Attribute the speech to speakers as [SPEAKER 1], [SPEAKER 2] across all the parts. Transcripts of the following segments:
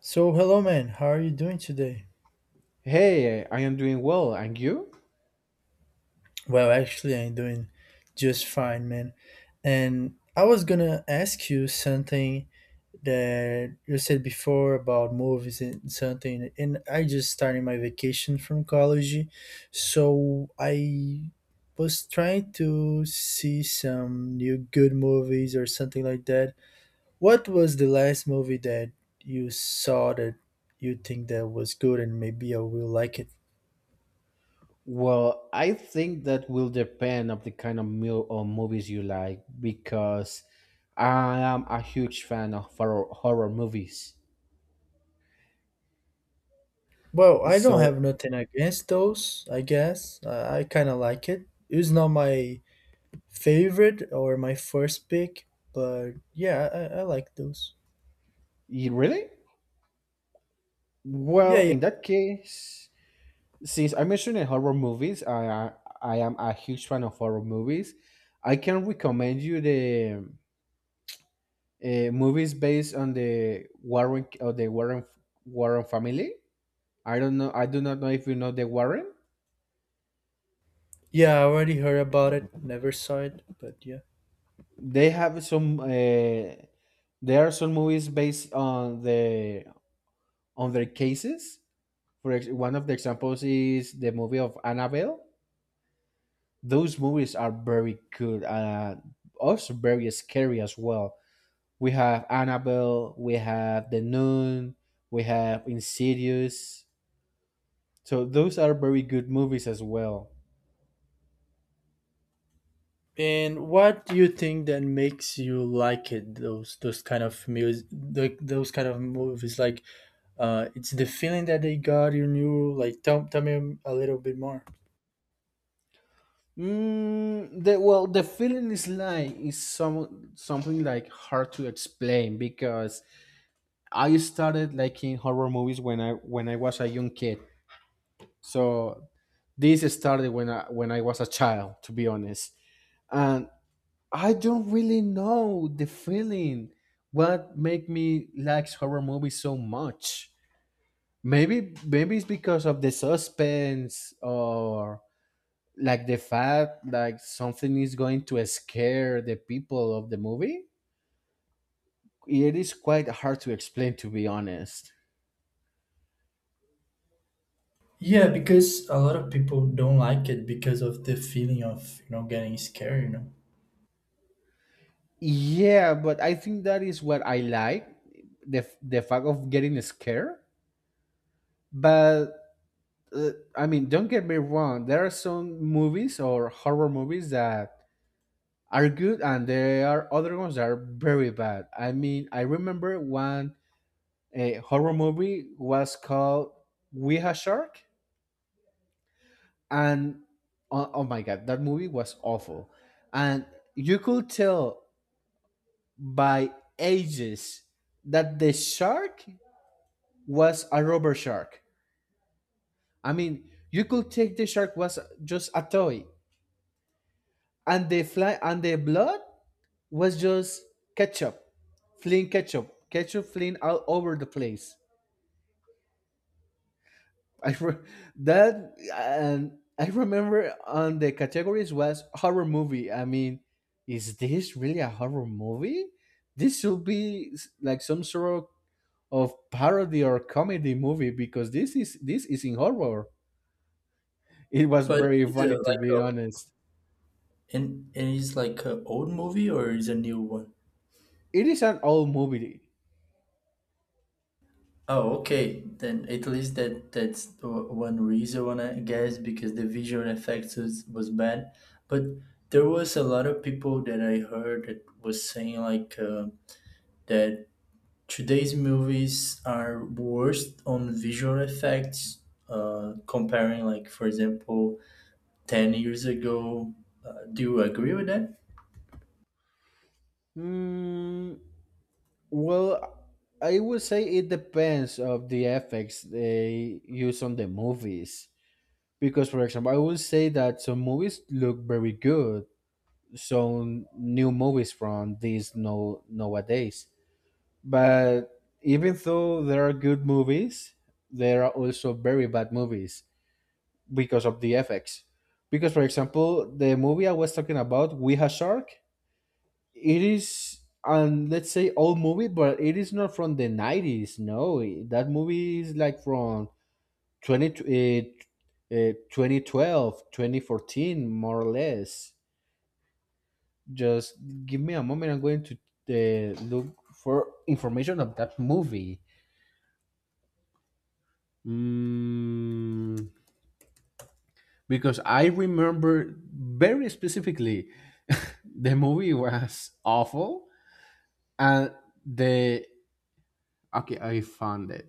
[SPEAKER 1] So, hello, man. How are you doing today?
[SPEAKER 2] Hey, I am doing well, and you?
[SPEAKER 1] I'm doing just fine, man. And I was gonna ask you something that you said before about movies and something. And I just started my vacation from college, so I was trying to see some new good movies or something like that. What was the last movie that you saw that you think that was good and maybe I will like it?
[SPEAKER 2] Well, I think that will depend of the kind of meal or movies you like because I am a huge fan of horror movies.
[SPEAKER 1] Well, I don't
[SPEAKER 2] So,
[SPEAKER 1] have nothing against those, I guess. I kind of like it. It was not my favorite or my first pick, but yeah, I like those.
[SPEAKER 2] you really?
[SPEAKER 1] Yeah,
[SPEAKER 2] Well,
[SPEAKER 1] yeah.
[SPEAKER 2] in that case, since I mentioned in horror movies, I am a huge fan of horror movies. I can recommend you the movies based on the Warren or the Warren family. I don't know. I do not know if you know the Warren.
[SPEAKER 1] Yeah, I already heard about it, never saw it, but yeah.
[SPEAKER 2] They have some. There are some movies based on the on their cases. One of the examples is the movie of Annabelle. Those movies are very good and also very scary as well. We have Annabelle. We have The Nun. We have Insidious. So those are very good movies as well.
[SPEAKER 1] And what do you think that makes you like it? Those kind of music, like those kind of movies, like it's the feeling that they got in you. Like, tell me a little bit more.
[SPEAKER 2] Mm, the well, the feeling is like is some something like hard to explain because I started liking horror movies when I was a young kid. So this started when I was a child, to be honest. And I don't really know the feeling what make me like horror movies so much. Maybe it's because of the suspense or like the fact like something is going to scare the people of the movie. It is quite hard to explain, to be honest.
[SPEAKER 1] Yeah, because a lot of people don't like it because of the feeling of getting scared,
[SPEAKER 2] Yeah, but I think that is what I like, the fact of getting scared. But uh, I mean, don't get me wrong, there are some movies or horror movies that are good and there are other ones that are very bad. I mean, I remember one, a horror movie was called we Ha shark. And oh my god, that movie was awful. And you could tell by ages that the shark was a rubber shark. I mean, you could take the shark was just a toy, and the fly and the blood was just ketchup, fling ketchup, ketchup, fling all over the place. I re- that, and I remember on the categories was horror movie. I mean, is this really a horror movie? This should be like some sort of parody or comedy movie, because this is in horror. It was
[SPEAKER 1] But
[SPEAKER 2] very
[SPEAKER 1] is it
[SPEAKER 2] funny, to
[SPEAKER 1] like
[SPEAKER 2] be
[SPEAKER 1] a
[SPEAKER 2] honest.
[SPEAKER 1] and is like a old movie or is a new one?
[SPEAKER 2] It is an old movie.
[SPEAKER 1] Oh, okay. Then at least that's one reason I guess because the visual effects was bad. But there was a lot of people that I heard that was saying like that today's movies are worse on visual effects comparing like for example 10 years ago. Do you agree with that?
[SPEAKER 2] Hmm. Well, I would say it depends of the effects they use on the movies, because for example I would say that some movies look very good, some new movies from these no nowadays. But even though there are good movies, there are also very bad movies because of the effects. Because for example, the movie I was talking about, we have shark, it is, and let's say old movie, but it is not from the 90s. No, that movie is like from 20, 2012, more or less. Just give me a moment. I'm going to look for information of that movie. Mm, because I remember very specifically the movie was awful. And the okay, I found it.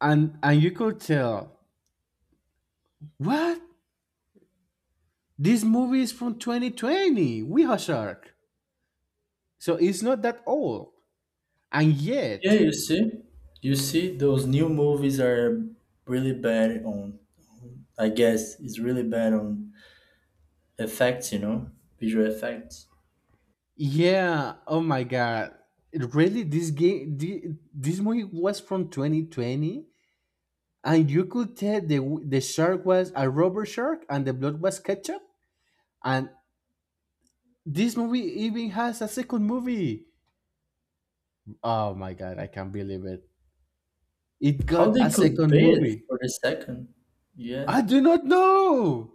[SPEAKER 2] And you could tell what, this movie is from 2020, we are shark. So it's not that old, and
[SPEAKER 1] Yeah,
[SPEAKER 2] yet
[SPEAKER 1] you see, those new movies are really bad on, I guess, it's really bad on effects, you know, visual effects.
[SPEAKER 2] yeah, oh my god, really, this movie was from 2020. And you could tell the shark was a rubber shark and the blood was ketchup. And this movie even has a second movie. Oh my god, I can't believe it, it
[SPEAKER 1] How
[SPEAKER 2] got a
[SPEAKER 1] they could
[SPEAKER 2] second
[SPEAKER 1] pay it
[SPEAKER 2] movie.
[SPEAKER 1] for the second?
[SPEAKER 2] I
[SPEAKER 1] Yeah.
[SPEAKER 2] do not know.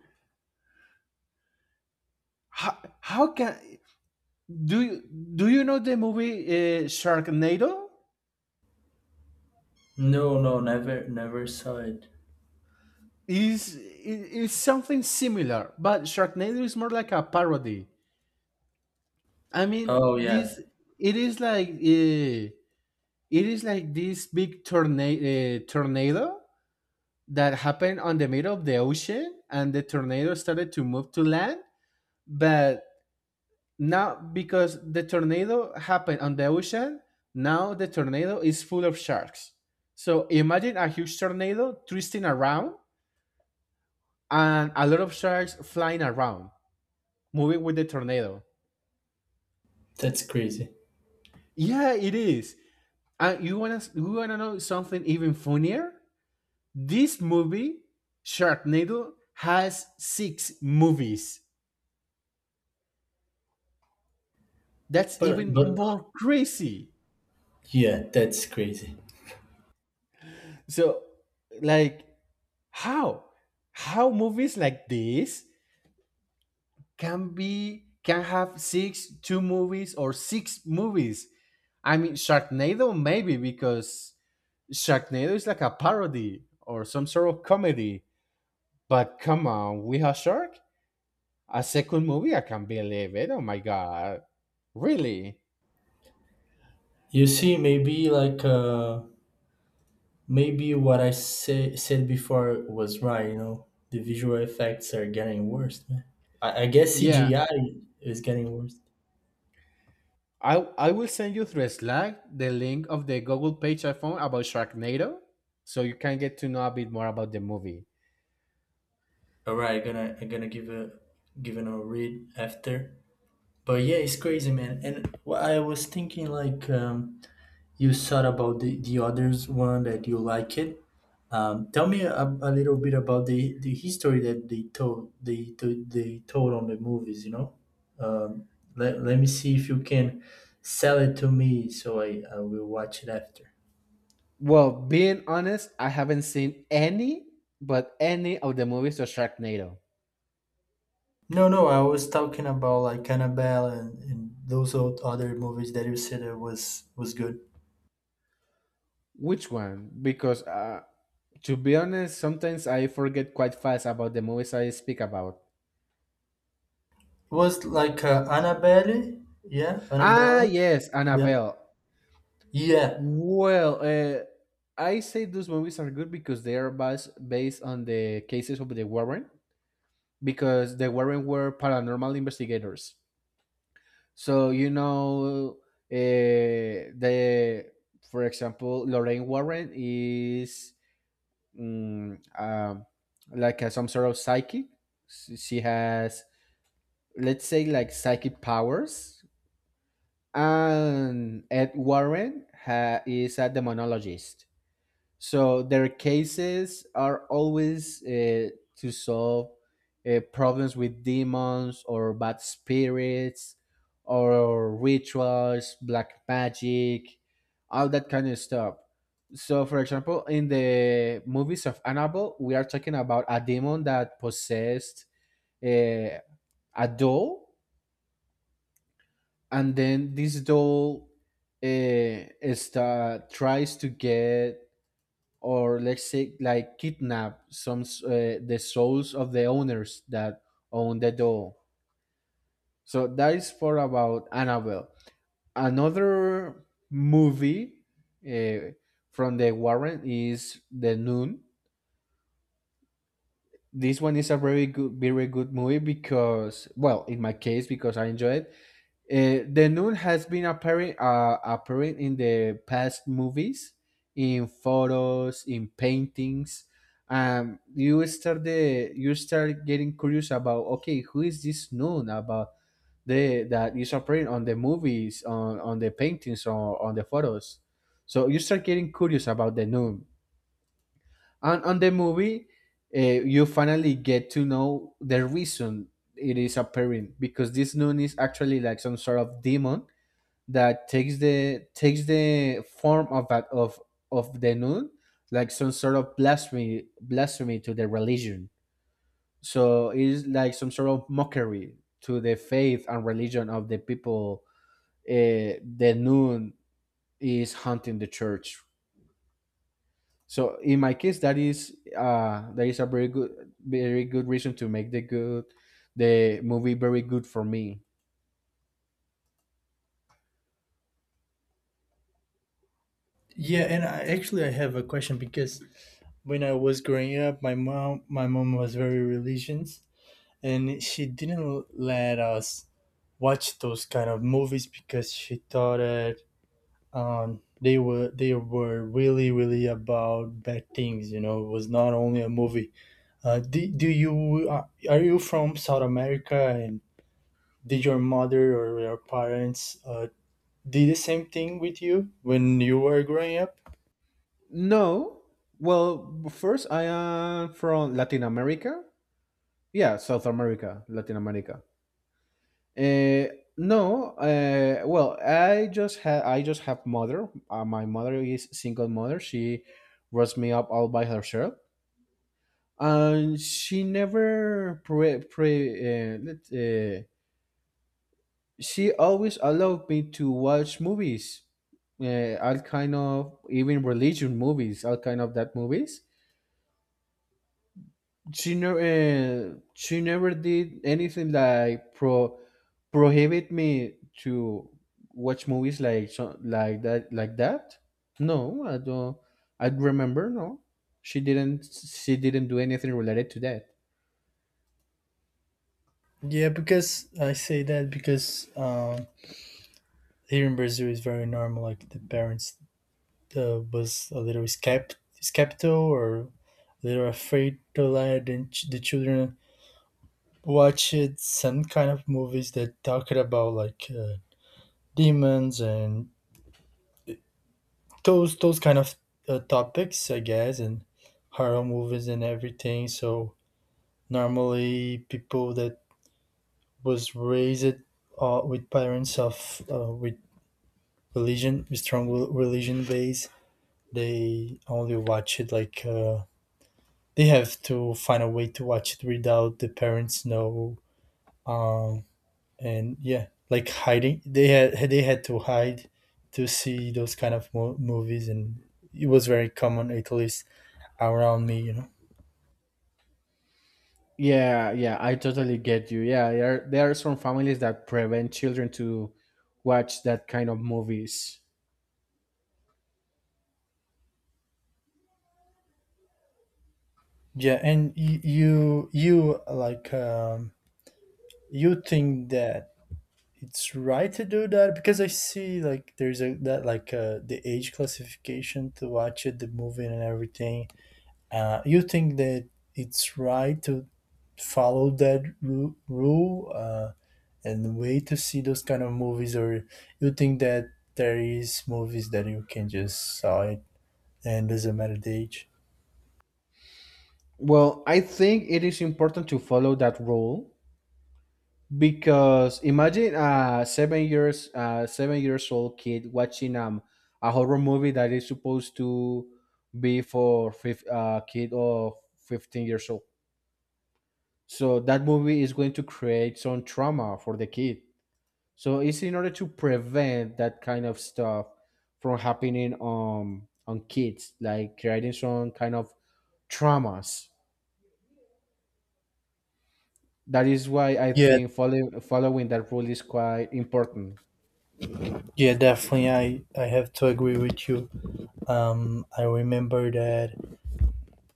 [SPEAKER 2] How can, do you, do you know the movie sharknado?
[SPEAKER 1] No, no, never, never saw it.
[SPEAKER 2] Is something similar, but Sharknado is more like a parody. I mean,
[SPEAKER 1] Oh yeah,
[SPEAKER 2] this, it is like uh, it is like this big tornado, tornado that happened on the middle of the ocean, and the tornado started to move to land. But now, because the tornado happened on the ocean, now the tornado is full of sharks. So imagine a huge tornado twisting around and a lot of sharks flying around, moving with the tornado.
[SPEAKER 1] that's crazy.
[SPEAKER 2] Yeah, it is. And you wanna know something even funnier? This movie, Sharknado, has six movies. That's
[SPEAKER 1] But
[SPEAKER 2] even
[SPEAKER 1] but
[SPEAKER 2] more crazy.
[SPEAKER 1] yeah, that's crazy.
[SPEAKER 2] So, like, how how movies like this can have 6 2 movies or six movies? I mean, Sharknado maybe because Sharknado is like a parody or some sort of comedy. But come on, we have Shark? A second movie? I can't believe it. Oh my god. Really?
[SPEAKER 1] You see, maybe like maybe said before was right, you know. The visual effects are getting worse, man. I guess
[SPEAKER 2] Yeah.
[SPEAKER 1] CGI is getting worse.
[SPEAKER 2] I will send you through Slack the link of the Google page I found about Sharknado so you can get to know a bit more about the movie.
[SPEAKER 1] All right, I'm gonna give a giving a read after. But yeah, it's crazy, man. And what I was thinking, like, you said about the others one that you like it. Tell me a little bit about the history that they told on the movies. You know, um, let me see if you can sell it to me so I will watch it after.
[SPEAKER 2] Well, being honest, I haven't seen any but any of the movies of Sharknado.
[SPEAKER 1] No, no, I was talking about like Annabelle and those old other movies that you said that was good. It
[SPEAKER 2] Which one? Because to be honest, sometimes I forget quite fast about the movies I speak about.
[SPEAKER 1] was like
[SPEAKER 2] Ah,
[SPEAKER 1] Annabelle,
[SPEAKER 2] yes,
[SPEAKER 1] yeah,
[SPEAKER 2] Annabelle.
[SPEAKER 1] yeah.
[SPEAKER 2] Well, I say those movies are good because they are based on the cases of the Warren, because the Warren were paranormal investigators. So you know, the for example, Lorraine Warren is mm, um, like a, some sort of psychic. She has, let's say, like psychic powers, and Ed Warren is a demonologist. So their cases are always to solve problems with demons or bad spirits or rituals, black magic, all that kind of stuff. So, for example, in the movies of Annabelle, we are talking about a demon that possessed uh, a doll, and then this doll tries to get, or let's say, like kidnap the souls of the owners that own the doll. So that is for about Annabelle. Another movie, uh, from the Warren, is the noon. This one is a very good movie, because well, in my case, because I enjoy it. The nun has been appearing in the past movies, in photos, in paintings. You start getting curious about okay, who is this nun about the that is appearing on the movies, on the paintings, or on the photos. So you start getting curious about the nun. And on the movie, you finally get to know the reason it is appearing, because this nun is actually like some sort of demon that takes the form of of the nun, like some sort of blasphemy to the religion. So it is like some sort of mockery to the faith and religion of the people. The nun is hunting the church. So in my case, that is a very good reason to make the good, the movie very good for me.
[SPEAKER 1] Yeah, and I actually I have a question because when I was growing up, my mom was very religious, and she didn't let us watch those kind of movies because she thought that they were really really about bad things. You know, it was not only a movie. Do you are you from South America and did your mother or your parents did the same thing with you when you were growing up?
[SPEAKER 2] No, well, first I am from Latin America. Yeah, South America, Latin America. No, well, I just have mother. My mother is single mother. She raised me up all by herself, and she never pre pre. Let, she always allowed me to watch movies, all kind of, even religion movies, all kind of that movies. She never she never did anything like prohibit me to watch movies like that. No, I don't, I remember no, she didn't do anything related to that.
[SPEAKER 1] Yeah, because I say that because here in Brazil is very normal. Like the parents was a little skeptical or a little afraid to let the children watch it, some kind of movies that talked about like demons and those kind of topics, I guess, and horror movies and everything. So normally people that was raised with parents of with religion, strong religion base, they only watch it like they have to find a way to watch it without the parents know. Um, and yeah, like hiding, they had to hide to see those kind of movies, and it was very common at least around me, you know.
[SPEAKER 2] Yeah, I totally get you. Yeah, there are some families that prevent children to watch that kind of movies.
[SPEAKER 1] Yeah, and you like you think that it's right to do that because I see like there's a that like the age classification to watch it, the movie and everything. You think that it's right to follow rule and wait to see those kind of movies, or you think that there is movies that you can just saw it and doesn't matter the age?
[SPEAKER 2] Well, I think it is important to follow that rule. Because imagine a 7 years old kid watching a horror movie that is supposed to be for kid of 15 years old. So that movie is going to create some trauma for the kid. So it's in order to prevent that kind of stuff from happening on kids, like creating some kind of traumas. That is why I
[SPEAKER 1] Yeah,
[SPEAKER 2] think following that rule is quite important.
[SPEAKER 1] yeah, definitely. I have to agree with you. I remember that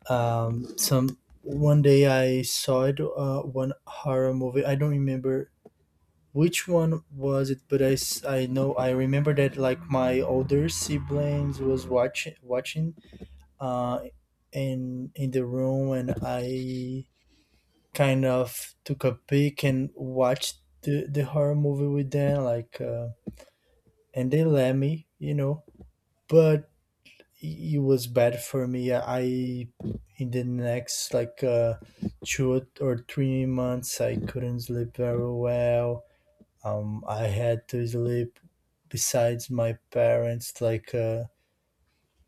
[SPEAKER 1] some one day I saw it one horror movie I don't remember which one was it but I know I remember that like my older siblings was watching uh in the room and I kind of took a peek and watched the horror movie with them like and they let me you know but it was bad for me. I in the next like 2 or 3 months, I couldn't sleep very well. I had to sleep besides my parents, like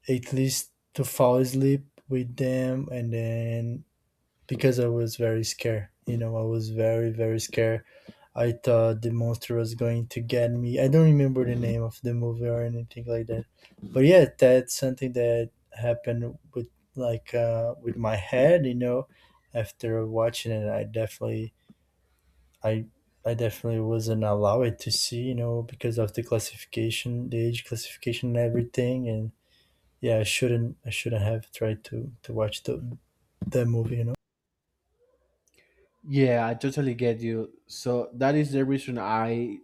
[SPEAKER 1] at least to fall asleep with them, and then because I was very scared. You know, I was very, very scared. I thought the monster was going to get me. I don't remember the name of the movie or anything like that. But yeah, that's something that happened with like with my head. You know, after watching it, I definitely, I, I definitely wasn't allowed to see. You know, because of the classification, the age classification, and everything. And yeah, I shouldn't have tried to watch the that movie. You know.
[SPEAKER 2] Yeah, I totally get you. So that is the reason I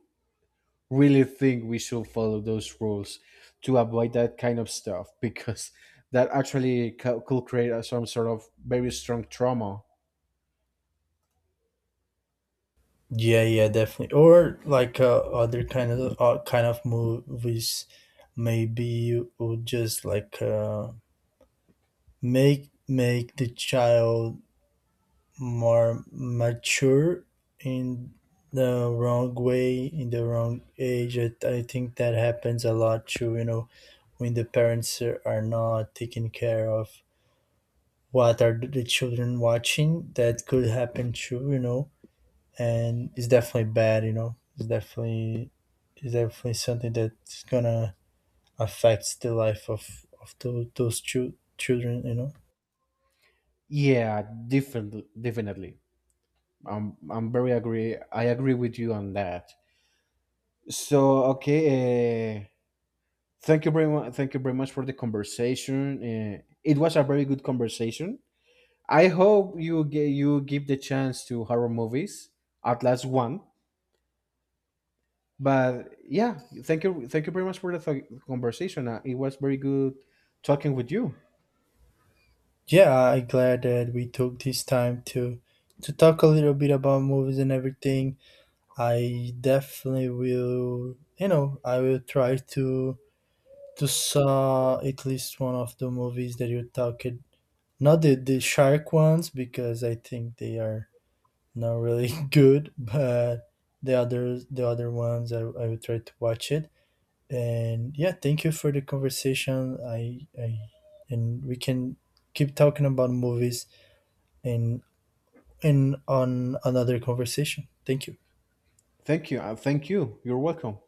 [SPEAKER 2] really think we should follow those rules to avoid that kind of stuff, because that actually could create some sort of very strong trauma.
[SPEAKER 1] Yeah, yeah, definitely. Or like other kind of movies, maybe you would just like make the child more mature in the wrong way, in the wrong age. I think that happens a lot too. You know, when the parents are not taking care of what are the children watching, that could happen too. You know and it's definitely bad. You know, it's definitely something that's gonna affect the life of children. You know.
[SPEAKER 2] Yeah, definitely, definitely. I'm very agree. I agree with you on that. So okay, thank you very much. Thank you very much for the conversation. It was a very good conversation. I hope you give the chance to horror movies, at last one. But yeah, thank you very much for the conversation. It was very good talking with you.
[SPEAKER 1] Yeah, I'm glad that we took this time to talk a little bit about movies and everything. I definitely will. You know, I will try to saw at least one of the movies that you talked. Not the shark ones because I think they are not really good, but the others, the other ones, I will try to watch it. And yeah, thank you for the conversation. I and we can keep talking about movies and and on another conversation. Thank you.
[SPEAKER 2] Thank you, thank you. You're welcome.